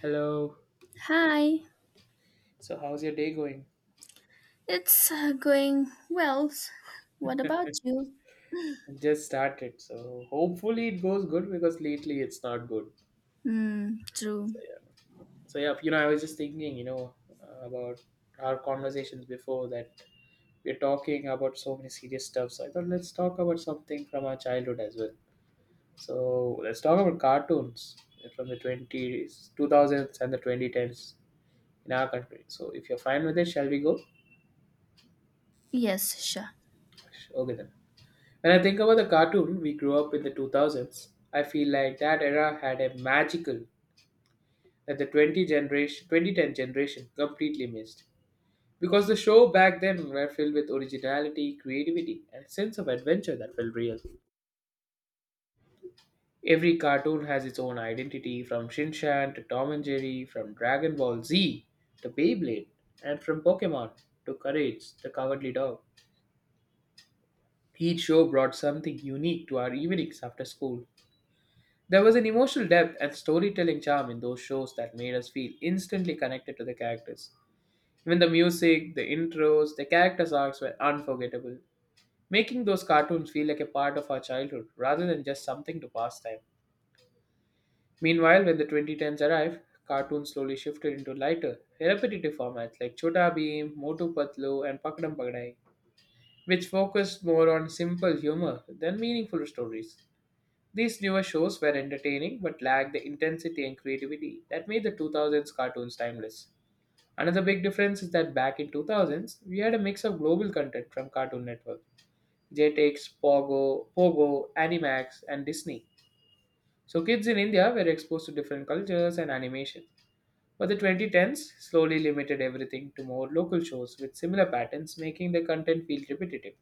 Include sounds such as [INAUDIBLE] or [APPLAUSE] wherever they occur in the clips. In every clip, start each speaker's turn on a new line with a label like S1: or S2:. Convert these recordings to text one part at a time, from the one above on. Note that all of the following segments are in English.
S1: Hello.
S2: Hi,
S1: So, how's your day going?
S2: it's going well. What about you?
S1: Just started. So, hopefully, it goes good because lately it's not good.
S2: Hmm, true.
S1: So, yeah. So, yeah, I was just thinking, about our conversations before that we're talking about so many serious stuff. So, I thought let's talk about something from our childhood as well. So, let's talk about cartoons from the 20s, 2000s, and the 2010s in our country. So, if you're fine with it, shall we go?
S2: Yes, sure.
S1: Okay, then. When I think about the cartoon we grew up in the 2000s, I feel like that era had a magical that the 20 generation, 2010 generation completely missed. Because the show back then were filled with originality, creativity, and a sense of adventure that felt real. Every cartoon has its own identity, from Shinshan to Tom and Jerry, from Dragon Ball Z to Beyblade, and from Pokemon to Courage the Cowardly Dog. Each show brought something unique to our evenings after school. There was an emotional depth and storytelling charm in those shows that made us feel instantly connected to the characters. Even the music, the intros, the characters' arcs were unforgettable, making those cartoons feel like a part of our childhood rather than just something to pass time. Meanwhile, when the 2010s arrived, cartoons slowly shifted into lighter, repetitive formats like Chota Bheem, Motu Patlu, and Pakadam Pagadai, which focused more on simple humor than meaningful stories. These newer shows were entertaining but lacked the intensity and creativity that made the 2000s cartoons timeless. Another big difference is that back in 2000s, we had a mix of global content from Cartoon Network, Jetix, Pogo, Animax, and Disney. So kids in India were exposed to different cultures and animation. But the 2010s slowly limited everything to more local shows with similar patterns, making the content feel repetitive.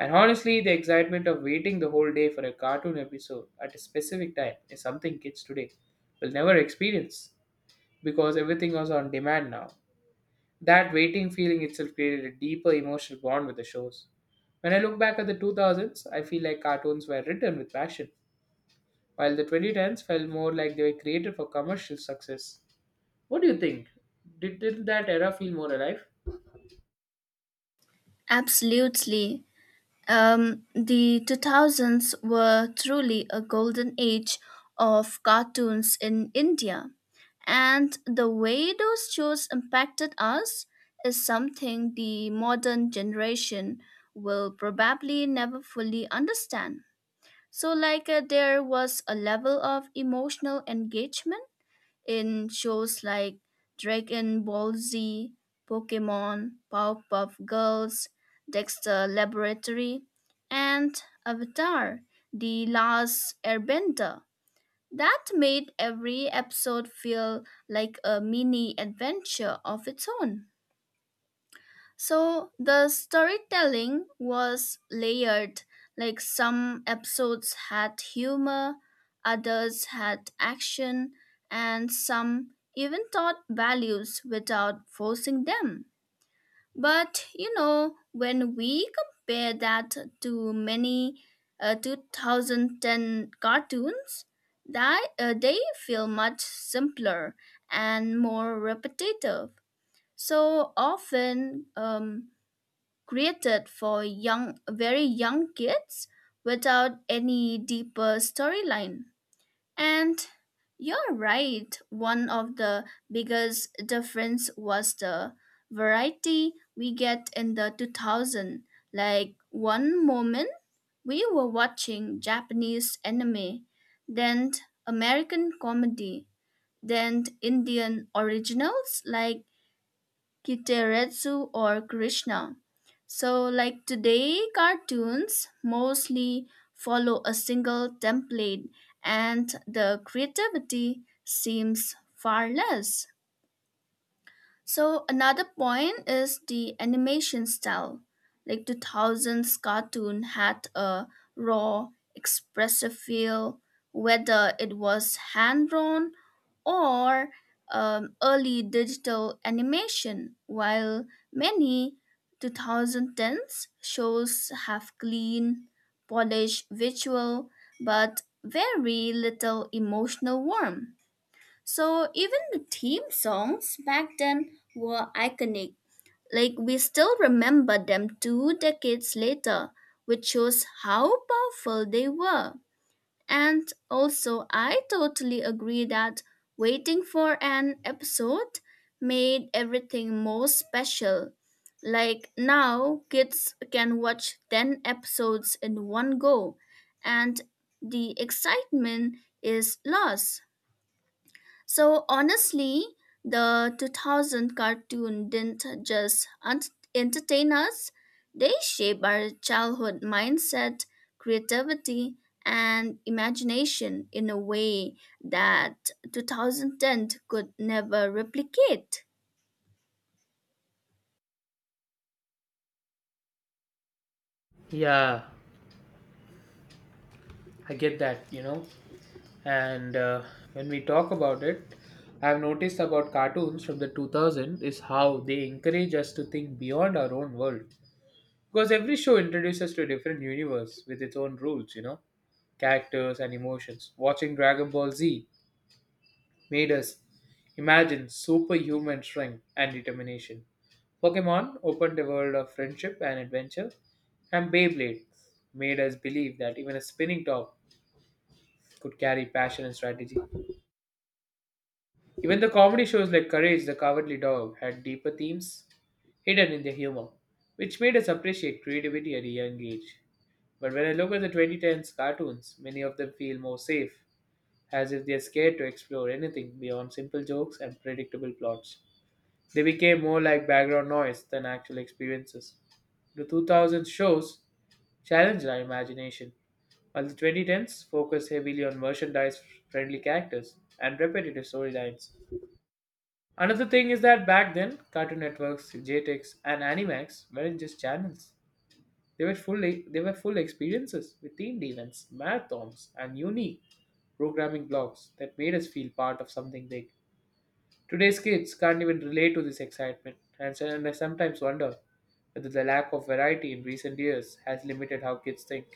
S1: And honestly, the excitement of waiting the whole day for a cartoon episode at a specific time is something kids today will never experience because everything was on demand now. That waiting feeling itself created a deeper emotional bond with the shows. When I look back at the 2000s, I feel like cartoons were written with passion, while the 2010s felt more like they were created for commercial success. What do you think? Did that era feel more alive?
S2: Absolutely. The 2000s were truly a golden age of cartoons in India, and the way those shows impacted us is something the modern generation will probably never fully understand. So, like, there was a level of emotional engagement in shows like Dragon Ball Z, Pokemon, Powerpuff Girls, Dexter Laboratory, and Avatar: The Last Airbender. That made every episode feel like a mini adventure of its own. So the storytelling was layered, like some episodes had humor, others had action, and some even taught values without forcing them. But when we compare that to many 2010 cartoons, they feel much simpler and more repetitive. So often, created for young very young kids without any deeper storyline. And you're right, one of the biggest difference was the variety we get in the 2000, like one moment we were watching Japanese anime, then American comedy, then Indian originals like Kitaretsu or Krishna. So, like today, cartoons mostly follow a single template, and the creativity seems far less. So another point is the animation style. Like 2000s cartoon had a raw, expressive feel, whether it was hand drawn or early digital animation, while many 2010s shows have clean, polished visual but very little emotional warmth. So even the theme songs back then were iconic. Like we still remember them 2 decades later, which shows how powerful they were. And also, I totally agree that waiting for an episode made everything more special. Like now, kids can watch 10 episodes in one go, and the excitement is lost. So honestly, the 2000 cartoon didn't just entertain us, they shaped our childhood mindset, creativity, and imagination in a way that 2010 could never replicate.
S1: Yeah, I get that. And when we talk about it, I've noticed about cartoons from the 2000 is how they encourage us to think beyond our own world. Because every show introduces us to a different universe with its own rules, characters and emotions. Watching Dragon Ball Z made us imagine superhuman strength and determination. Pokemon opened a world of friendship and adventure, and Beyblade made us believe that even a spinning top could carry passion and strategy. Even the comedy shows like Courage the Cowardly Dog had deeper themes hidden in their humor, which made us appreciate creativity at a young age. But when I look at the 2010s cartoons, many of them feel more safe, as if they're scared to explore anything beyond simple jokes and predictable plots. They became more like background noise than actual experiences. The 2000s shows challenged our imagination, while the 2010s focused heavily on merchandise friendly characters and repetitive storylines. Another thing is that back then, Cartoon Networks, JTX, and Animax weren't just channels. They were full experiences with themed events, marathons, and unique programming blocks that made us feel part of something big. Today's kids can't even relate to this excitement, and I sometimes wonder whether the lack of variety in recent years has limited how kids think.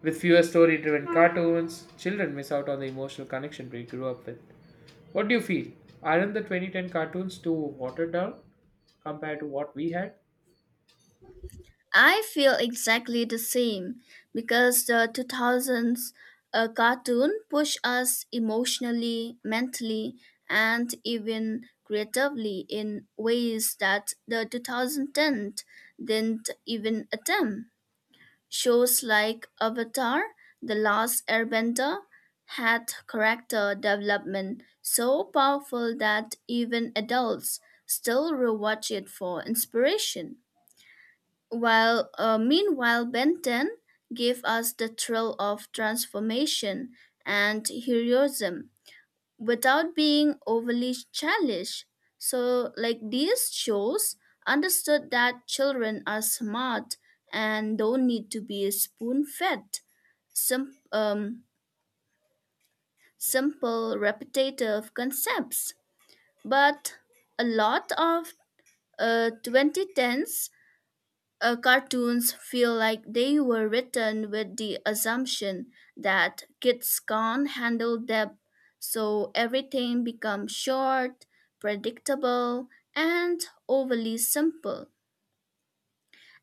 S1: With fewer story driven cartoons, children miss out on the emotional connection we grew up with. What do you feel? Aren't the 2010 cartoons too watered down compared to what we had?
S2: I feel exactly the same because the 2000s cartoon pushed us emotionally, mentally, and even creatively in ways that the 2010 didn't even attempt. Shows like Avatar: The Last Airbender had character development so powerful that even adults still rewatch it for inspiration. While meanwhile, Benton gave us the thrill of transformation and heroism without being overly childish. So, like these shows, understood that children are smart and don't need to be spoon-fed. Sim- um, simple, repetitive concepts, but a lot of 2010s cartoons feel like they were written with the assumption that kids can't handle depth, so everything becomes short, predictable, and overly simple.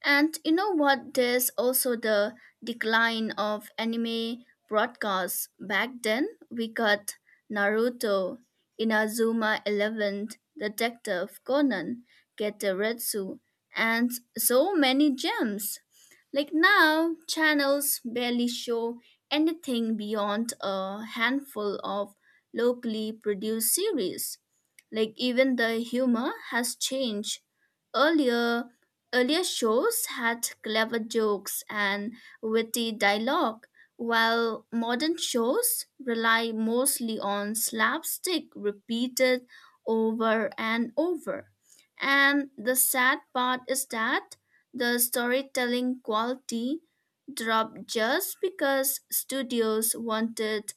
S2: And you know what? There's also the decline of anime broadcasts. Back then, we got Naruto, Inazuma 11, Detective Conan, Getoretsu, and so many gems. Like now, channels barely show anything beyond a handful of locally produced series. Like even the humor has changed. Earlier, Earlier, shows had clever jokes and witty dialogue, while modern shows rely mostly on slapstick repeated over and over. And the sad part is that the storytelling quality dropped just because studios wanted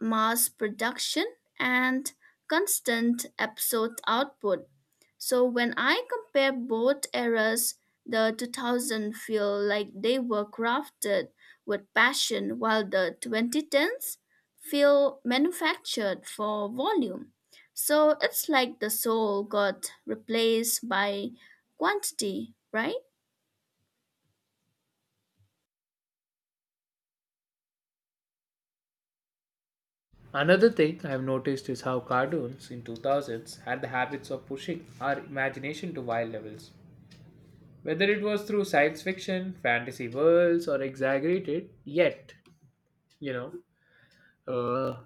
S2: mass production and constant episode output. So when I compare both eras, the 2000 feel like they were crafted with passion, while the 2010s feel manufactured for volume. So it's like the soul got replaced by quantity, right?
S1: Another thing I've noticed is how cartoons in 2000s had the habits of pushing our imagination to wild levels. Whether it was through science fiction, fantasy worlds, or exaggerated, yet, you know, uh,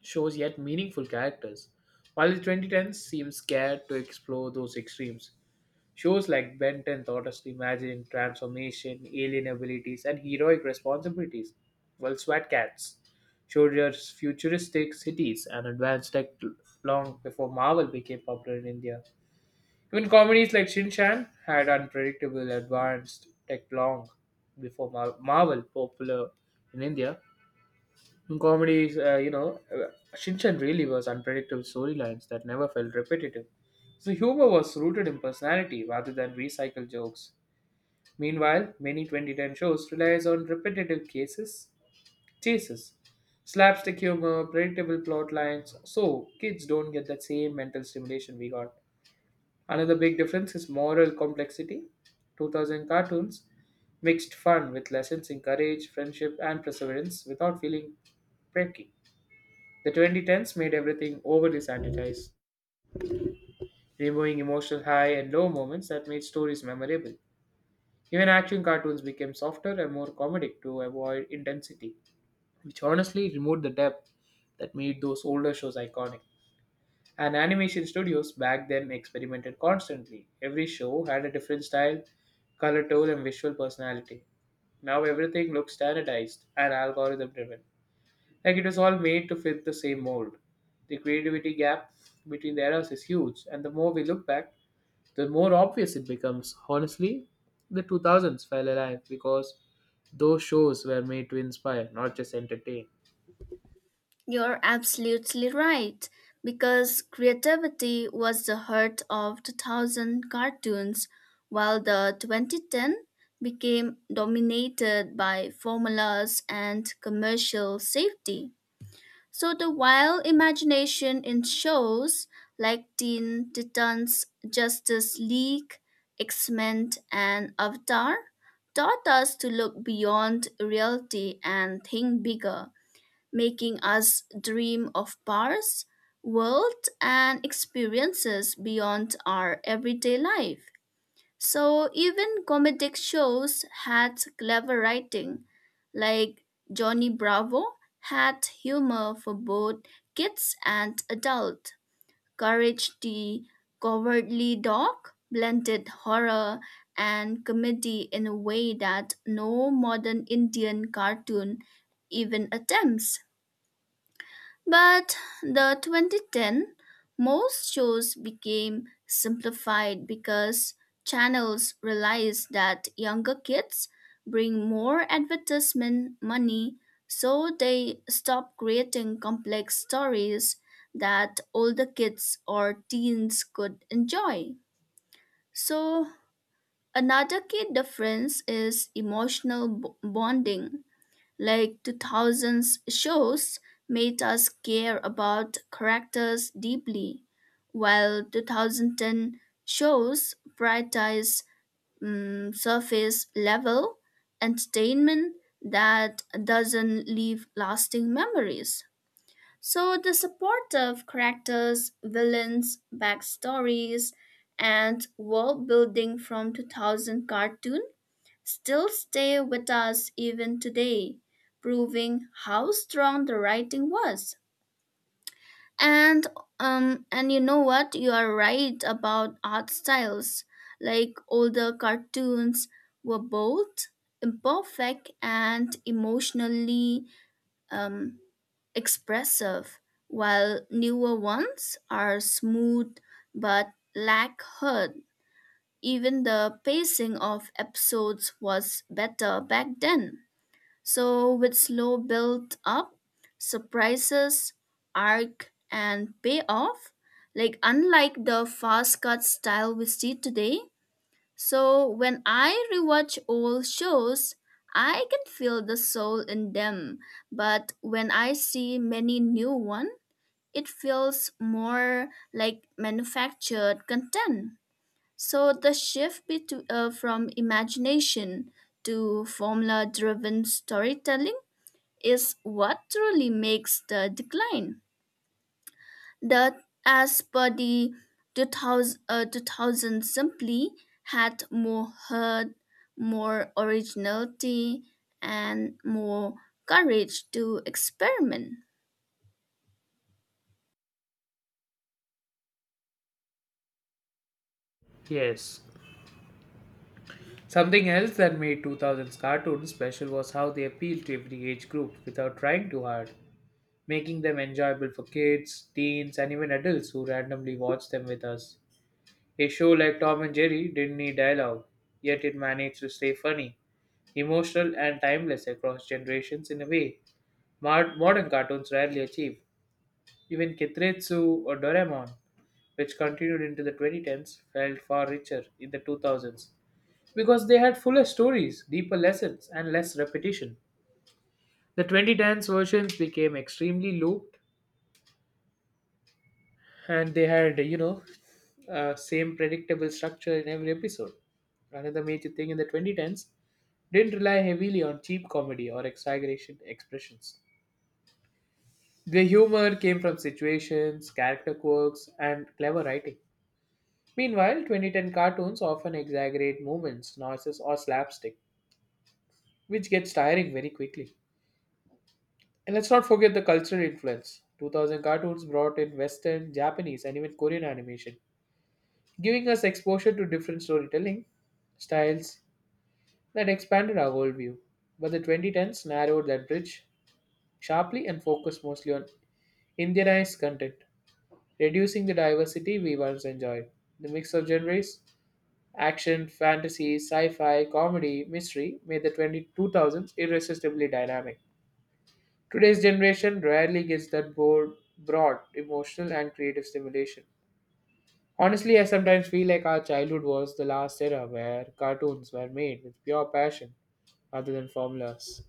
S1: shows yet meaningful characters. While the 2010s seem scared to explore those extremes, shows like Benton taught us to imagine transformation, alien abilities, and heroic responsibilities, while SWAT Cats showed us futuristic cities and advanced tech long before Marvel became popular in India. Even comedies like Shin Chan had unpredictable advanced tech long before Marvel popular in India. Comedies, Shinchan really was unpredictable storylines that never felt repetitive. So humor was rooted in personality rather than recycled jokes. Meanwhile, many 2010 shows relies on repetitive chases, slapstick humor, predictable plot lines, so kids don't get that same mental stimulation we got. Another big difference is moral complexity. 2000 cartoons mixed fun with lessons in courage, friendship, and perseverance without feeling pricky. The 2010s made everything overly sanitized, removing emotional high and low moments that made stories memorable. Even action cartoons became softer and more comedic to avoid intensity, which honestly removed the depth that made those older shows iconic. And animation studios back then experimented constantly. Every show had a different style, color tone, and visual personality. Now everything looks standardized and algorithm driven. Like it was all made to fit the same mold. The creativity gap between the eras is huge, and the more we look back, the more obvious it becomes. Honestly, the 2000s fell alive because those shows were made to inspire, not just entertain.
S2: You're absolutely right, because creativity was the heart of 2000 cartoons, while the 2010 became dominated by formulas and commercial safety. So the wild imagination in shows like Teen Titans, Justice League, X-Men, and Avatar taught us to look beyond reality and think bigger, making us dream of bars, worlds, and experiences beyond our everyday life. So even comedic shows had clever writing, like Johnny Bravo had humor for both kids and adults. Courage the Cowardly Dog blended horror and comedy in a way that no modern Indian cartoon even attempts. But the 2010, most shows became simplified because channels realized that younger kids bring more advertisement money, so they stopped creating complex stories that older kids or teens could enjoy. So another key difference is emotional bonding, like 2000s shows made us care about characters deeply, while 2010 shows prioritize surface level entertainment that doesn't leave lasting memories. So the supportive characters, villains, backstories, and world building from 2000 cartoon still stay with us even today, proving how strong the writing was. And and you know what? You are right about art styles. Like older cartoons were both imperfect and emotionally um, expressive, while newer ones are smooth but lack heart. Even the pacing of episodes was better back then. So, with slow build up, surprises, arc, and payoff, like unlike the fast cut style we see today. So, when I rewatch old shows, I can feel the soul in them, but when I see many new one, it feels more like manufactured content. So the shift from imagination to formula driven storytelling is what truly makes the decline. That, as per the 2000 simply had more heart, more originality, and more courage to experiment.
S1: Yes. Something else that made 2000s cartoons special was how they appealed to every age group without trying too hard, making them enjoyable for kids, teens, and even adults who randomly watched them with us. A show like Tom and Jerry didn't need dialogue, yet it managed to stay funny, emotional, and timeless across generations in a way modern cartoons rarely achieve. Even Kitretsu or Doraemon, which continued into the 2010s, felt far richer in the 2000s because they had fuller stories, deeper lessons, and less repetition. The 2010s versions became extremely looped and they had, same predictable structure in every episode. Another major thing in the 2010s didn't rely heavily on cheap comedy or exaggeration expressions. The humor came from situations, character quirks, and clever writing. Meanwhile, 2010 cartoons often exaggerate movements, noises, or slapstick, which gets tiring very quickly. And let's not forget the cultural influence. 2000 cartoons brought in Western, Japanese, and even Korean animation, giving us exposure to different storytelling styles that expanded our worldview. But the 2010s narrowed that bridge sharply and focused mostly on Indianized content, reducing the diversity we once enjoyed. The mix of genres, action, fantasy, sci fi, comedy, mystery made the 20 2000s irresistibly dynamic. Today's generation rarely gets that bored, broad, emotional, and creative stimulation. Honestly, I sometimes feel like our childhood was the last era where cartoons were made with pure passion rather than formulas.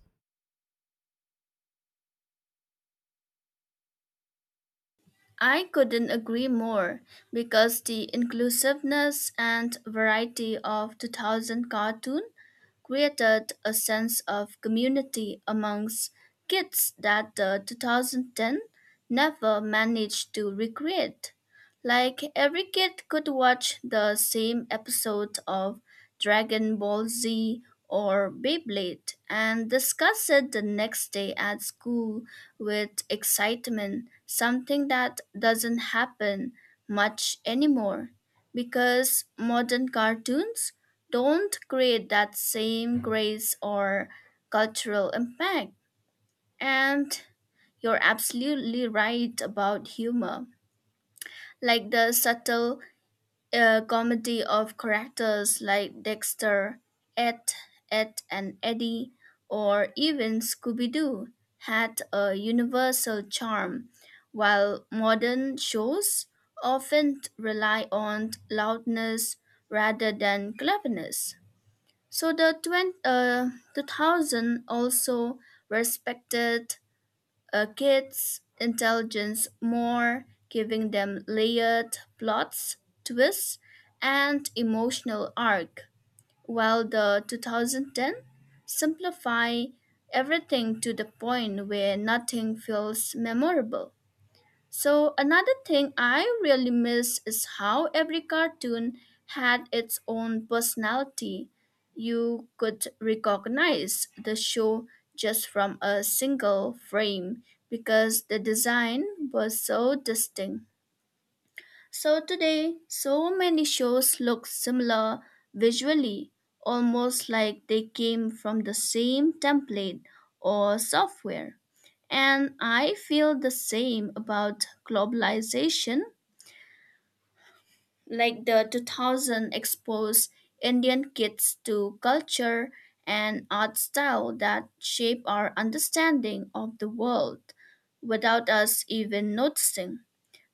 S2: I couldn't agree more because the inclusiveness and variety of 2000 cartoon created a sense of community amongst kids that the 2010 never managed to recreate. Like every kid could watch the same episode of Dragon Ball Z or Beyblade and discuss it the next day at school with excitement, something that doesn't happen much anymore because modern cartoons don't create that same grace or cultural impact. And you're absolutely right about humor, like the subtle a comedy of characters like Dexter, Ed, Ed and Eddie, or even Scooby Doo had a universal charm, while modern shows often rely on loudness rather than cleverness. So the 2000 also respected a kid's intelligence more, giving them layered plots, twists, and emotional arc, while the 2010 simplify everything to the point where nothing feels memorable. So, another thing I really miss is how every cartoon had its own personality. You could recognize the show just from a single frame because the design was so distinct. So today, so many shows look similar visually, almost like they came from the same template or software. And I feel the same about globalization, like the 2000 exposed Indian kids to culture and art style that shape our understanding of the world without us even noticing.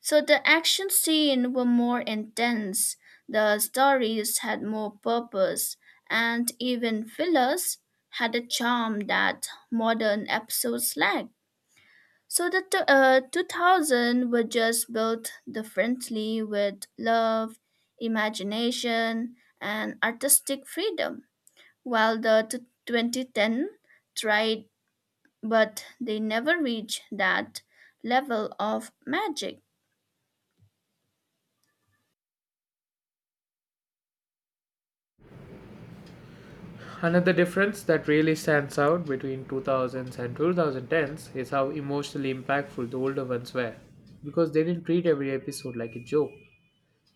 S2: So the action scenes were more intense, the stories had more purpose, and even fillers had a charm that modern episodes lack. So the 2000 were just built differently with love, imagination, and artistic freedom, while the 2010 tried, but they never reached that level of magic.
S1: Another difference that really stands out between 2000s and 2010s is how emotionally impactful the older ones were, because they didn't treat every episode like a joke.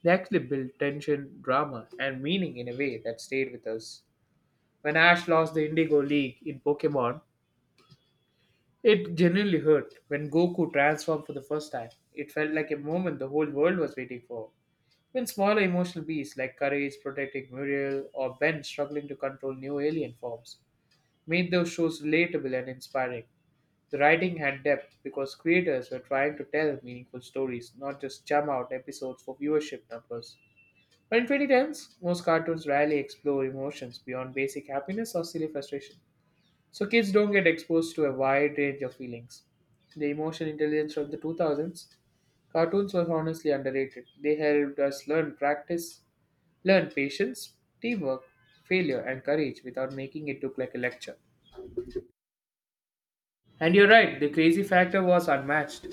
S1: They actually built tension, drama, and meaning in a way that stayed with us. When Ash lost the Indigo League in Pokemon, it genuinely hurt. When Goku transformed for the first time, it felt like a moment the whole world was waiting for. When smaller emotional beasts like Courage protecting Muriel or Ben struggling to control new alien forms made those shows relatable and inspiring. The writing had depth because creators were trying to tell meaningful stories, not just chum out episodes for viewership numbers. But in 2010s, most cartoons rarely explore emotions beyond basic happiness or silly frustration. So kids don't get exposed to a wide range of feelings. The emotional intelligence of the 2000s cartoons were honestly underrated. They helped us learn patience, teamwork, failure, and courage without making it look like a lecture. And you're right, the crazy factor was unmatched.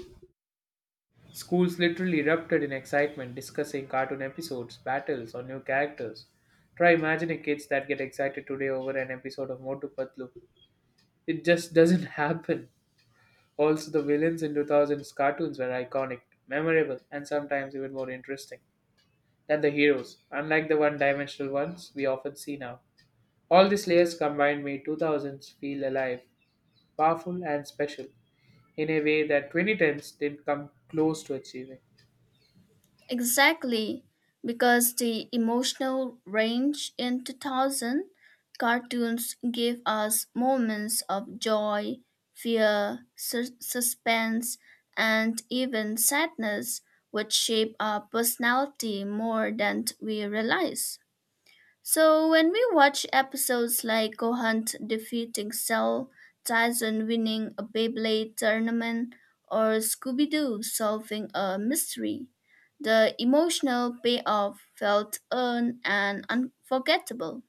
S1: Schools literally erupted in excitement discussing cartoon episodes, battles, or new characters. Try imagining kids that get excited today over an episode of Motu Patlu. It just doesn't [LAUGHS] happen. Also, the villains in 2000's cartoons were iconic, memorable, and sometimes even more interesting than the heroes, unlike the one dimensional ones we often see now. All these layers combined made 2000s feel alive, powerful, and special in a way that 2010s didn't come close to achieving.
S2: Exactly, because the emotional range in 2000 cartoons gave us moments of joy, fear, suspense, and even sadness, which shape our personality more than we realize. So when we watch episodes like Gohan defeating Cell, Tyson winning a Beyblade tournament, or Scooby-Doo solving a mystery, the emotional payoff felt earned and unforgettable.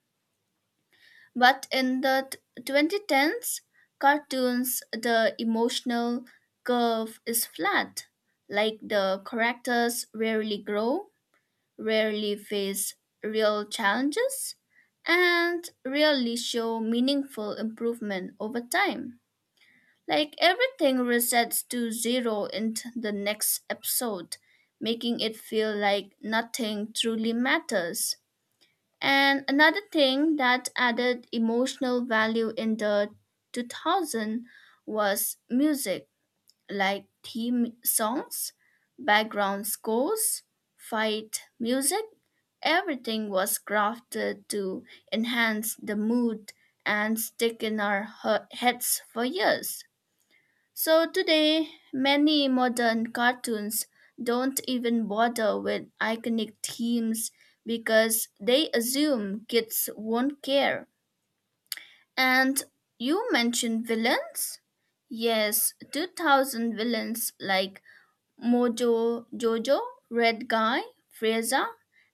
S2: But in the 2010s cartoons, the emotional curve is flat. Like the characters rarely grow, rarely face real challenges and rarely show meaningful improvement over time. Like everything resets to zero in the next episode, making it feel like nothing truly matters. And another thing that added emotional value in the 2000 was music, like theme songs, background scores, fight music. Everything was crafted to enhance the mood and stick in our heads for years. So today, many modern cartoons don't even bother with iconic themes because they assume kids won't care. And you mentioned villains? Yes, 2000 villains like Mojo Jojo, Red Guy, Frasier,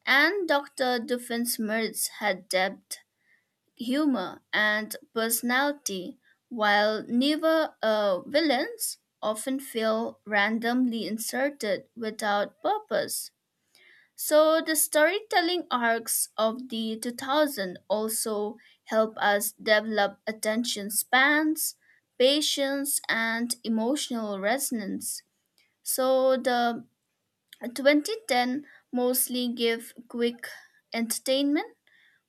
S2: and Dr. Doofenshmirtz had depth, humor, and personality, while neither villains often feel randomly inserted without purpose. So the storytelling arcs of the 2000 also help us develop attention spans, patience, and emotional resonance. So the 2010 mostly give quick entertainment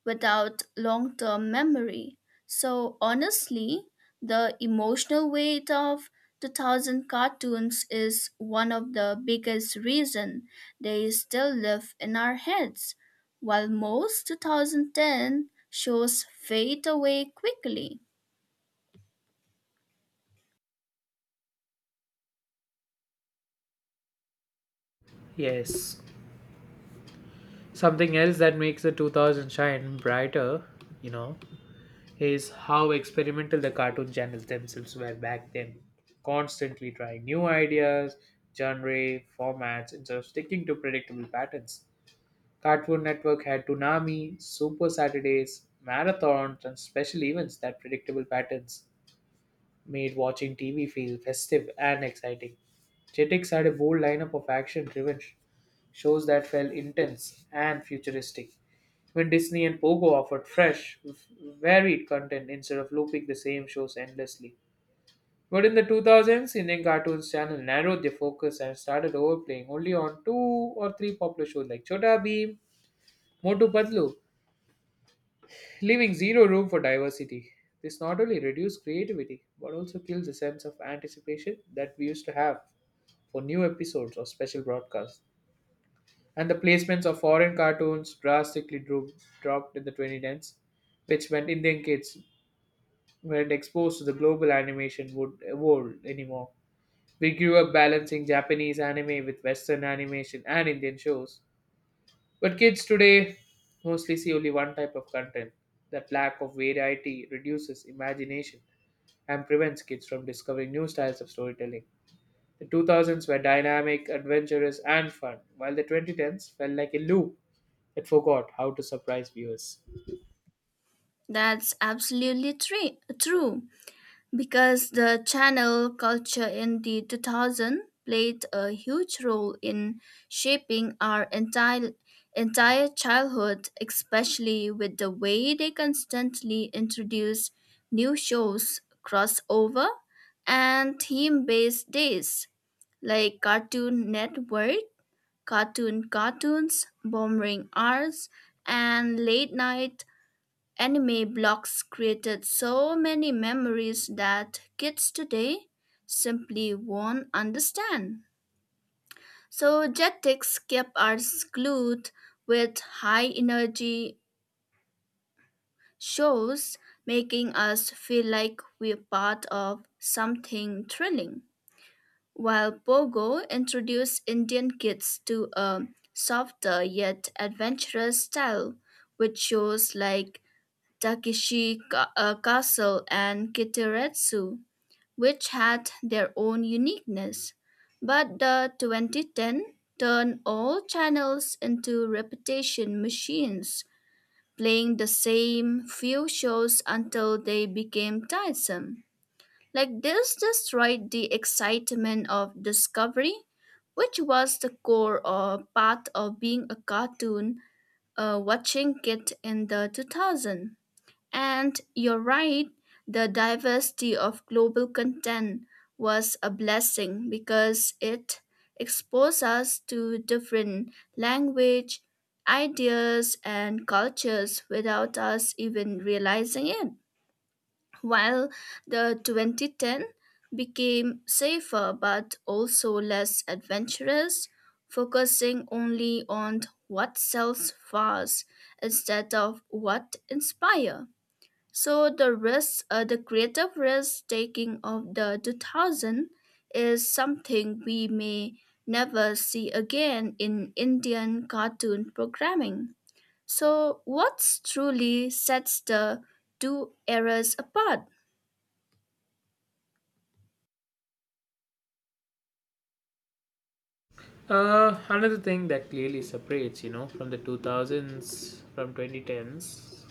S2: without long term memory. So, honestly, the emotional weight of 2000 cartoons is one of the biggest reason they still live in our heads, while most 2010 shows fade away quickly.
S1: Yes. Something else that makes the 2000 shine brighter, you know, is how experimental the cartoon channels themselves were back then. Constantly trying new ideas, genre, formats, instead of sticking to predictable patterns. Cartoon Network had Toonami, Super Saturdays, marathons, and special events that predictable patterns made watching TV feel festive and exciting. Jetix had a bold lineup of action driven shows that felt intense and futuristic. When Disney and Pogo offered fresh, varied content instead of looping the same shows endlessly. But in the 2000s, Indian Cartoons Channel narrowed their focus and started overplaying only on two or three popular shows like Chota Beam, Motu Patlu, leaving zero room for diversity. This not only reduces creativity but also kills the sense of anticipation that we used to have for new episodes or special broadcasts. And the placements of foreign cartoons drastically dropped in the 2010s, which meant Indian kids weren't exposed to the global animation would world anymore. We grew up balancing Japanese anime with Western animation and Indian shows, but kids today mostly see only one type of content. That lack of variety reduces imagination and prevents kids from discovering new styles of storytelling. The 2000s were dynamic, adventurous, and fun, while the 2010s felt like a loop that forgot how to surprise viewers.
S2: That's absolutely true. Because the channel culture in the 2000 played a huge role in shaping our entire childhood, especially with the way they constantly introduce new shows, crossover, and theme based days like Cartoon Network, Cartoon Cartoons bombering hours, and late night Anime blogs created so many memories that kids today simply won't understand. So Jetix kept us glued with high energy shows, making us feel like we're part of something thrilling. While Pogo introduced Indian kids to a softer yet adventurous style, with shows like Takeshi Castle and Kiteretsu, which had their own uniqueness. But the 2010 turned all channels into repetition machines, playing the same few shows until they became tiresome. Like this destroyed the excitement of discovery, which was the core or part of being a cartoon watching kid in the 2000s. And you're right, the diversity of global content was a blessing because it exposed us to different language, ideas, and cultures without us even realizing it. While the 2010 became safer but also less adventurous, focusing only on what sells fast instead of what inspire. So the the creative risk taking of the 2000 is something we may never see again in Indian cartoon programming. So what truly sets the two eras apart?
S1: Another thing that clearly separates, from the 2000s, from 2010s.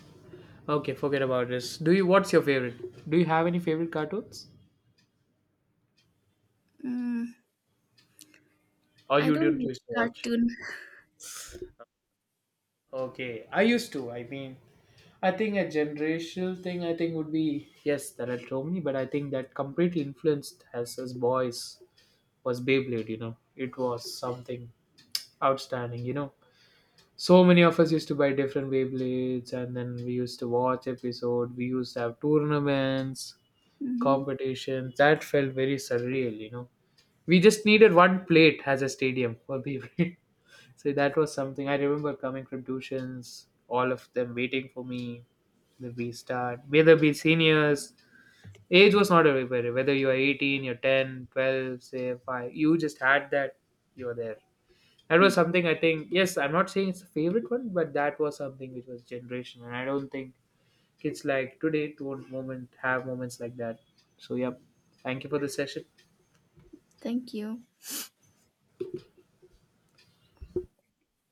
S1: Okay, forget about this. Do you? What's your favorite? Do you have any favorite cartoons?
S2: Mm,
S1: Or
S2: I
S1: you
S2: don't
S1: didn't
S2: watch
S1: used to watch?
S2: cartoon.
S1: Okay, I used to. I mean, I think a generational thing. I think would be yes, there are so many, but I think that completely influenced us as boys was Beyblade. It was something outstanding. So many of us used to buy different Beyblades, and then we used to watch episode. We used to have tournaments,
S2: [LAUGHS]
S1: competitions. That felt very surreal. We just needed one plate as a stadium for Beyblade. [LAUGHS] So that was something I remember coming from tuitions, all of them waiting for me. Whether we start, whether we seniors, age was not a barrier. Whether you are 18, you're 10, 12, say 5, you just had that, you're there. That was
S2: Mhm.
S1: something I think, yes, I'm not saying it's a favorite one, but that was something which was generation. And I don't think kids like today don't moment have moments like that. So, yeah, thank you for the session.
S2: Thank you.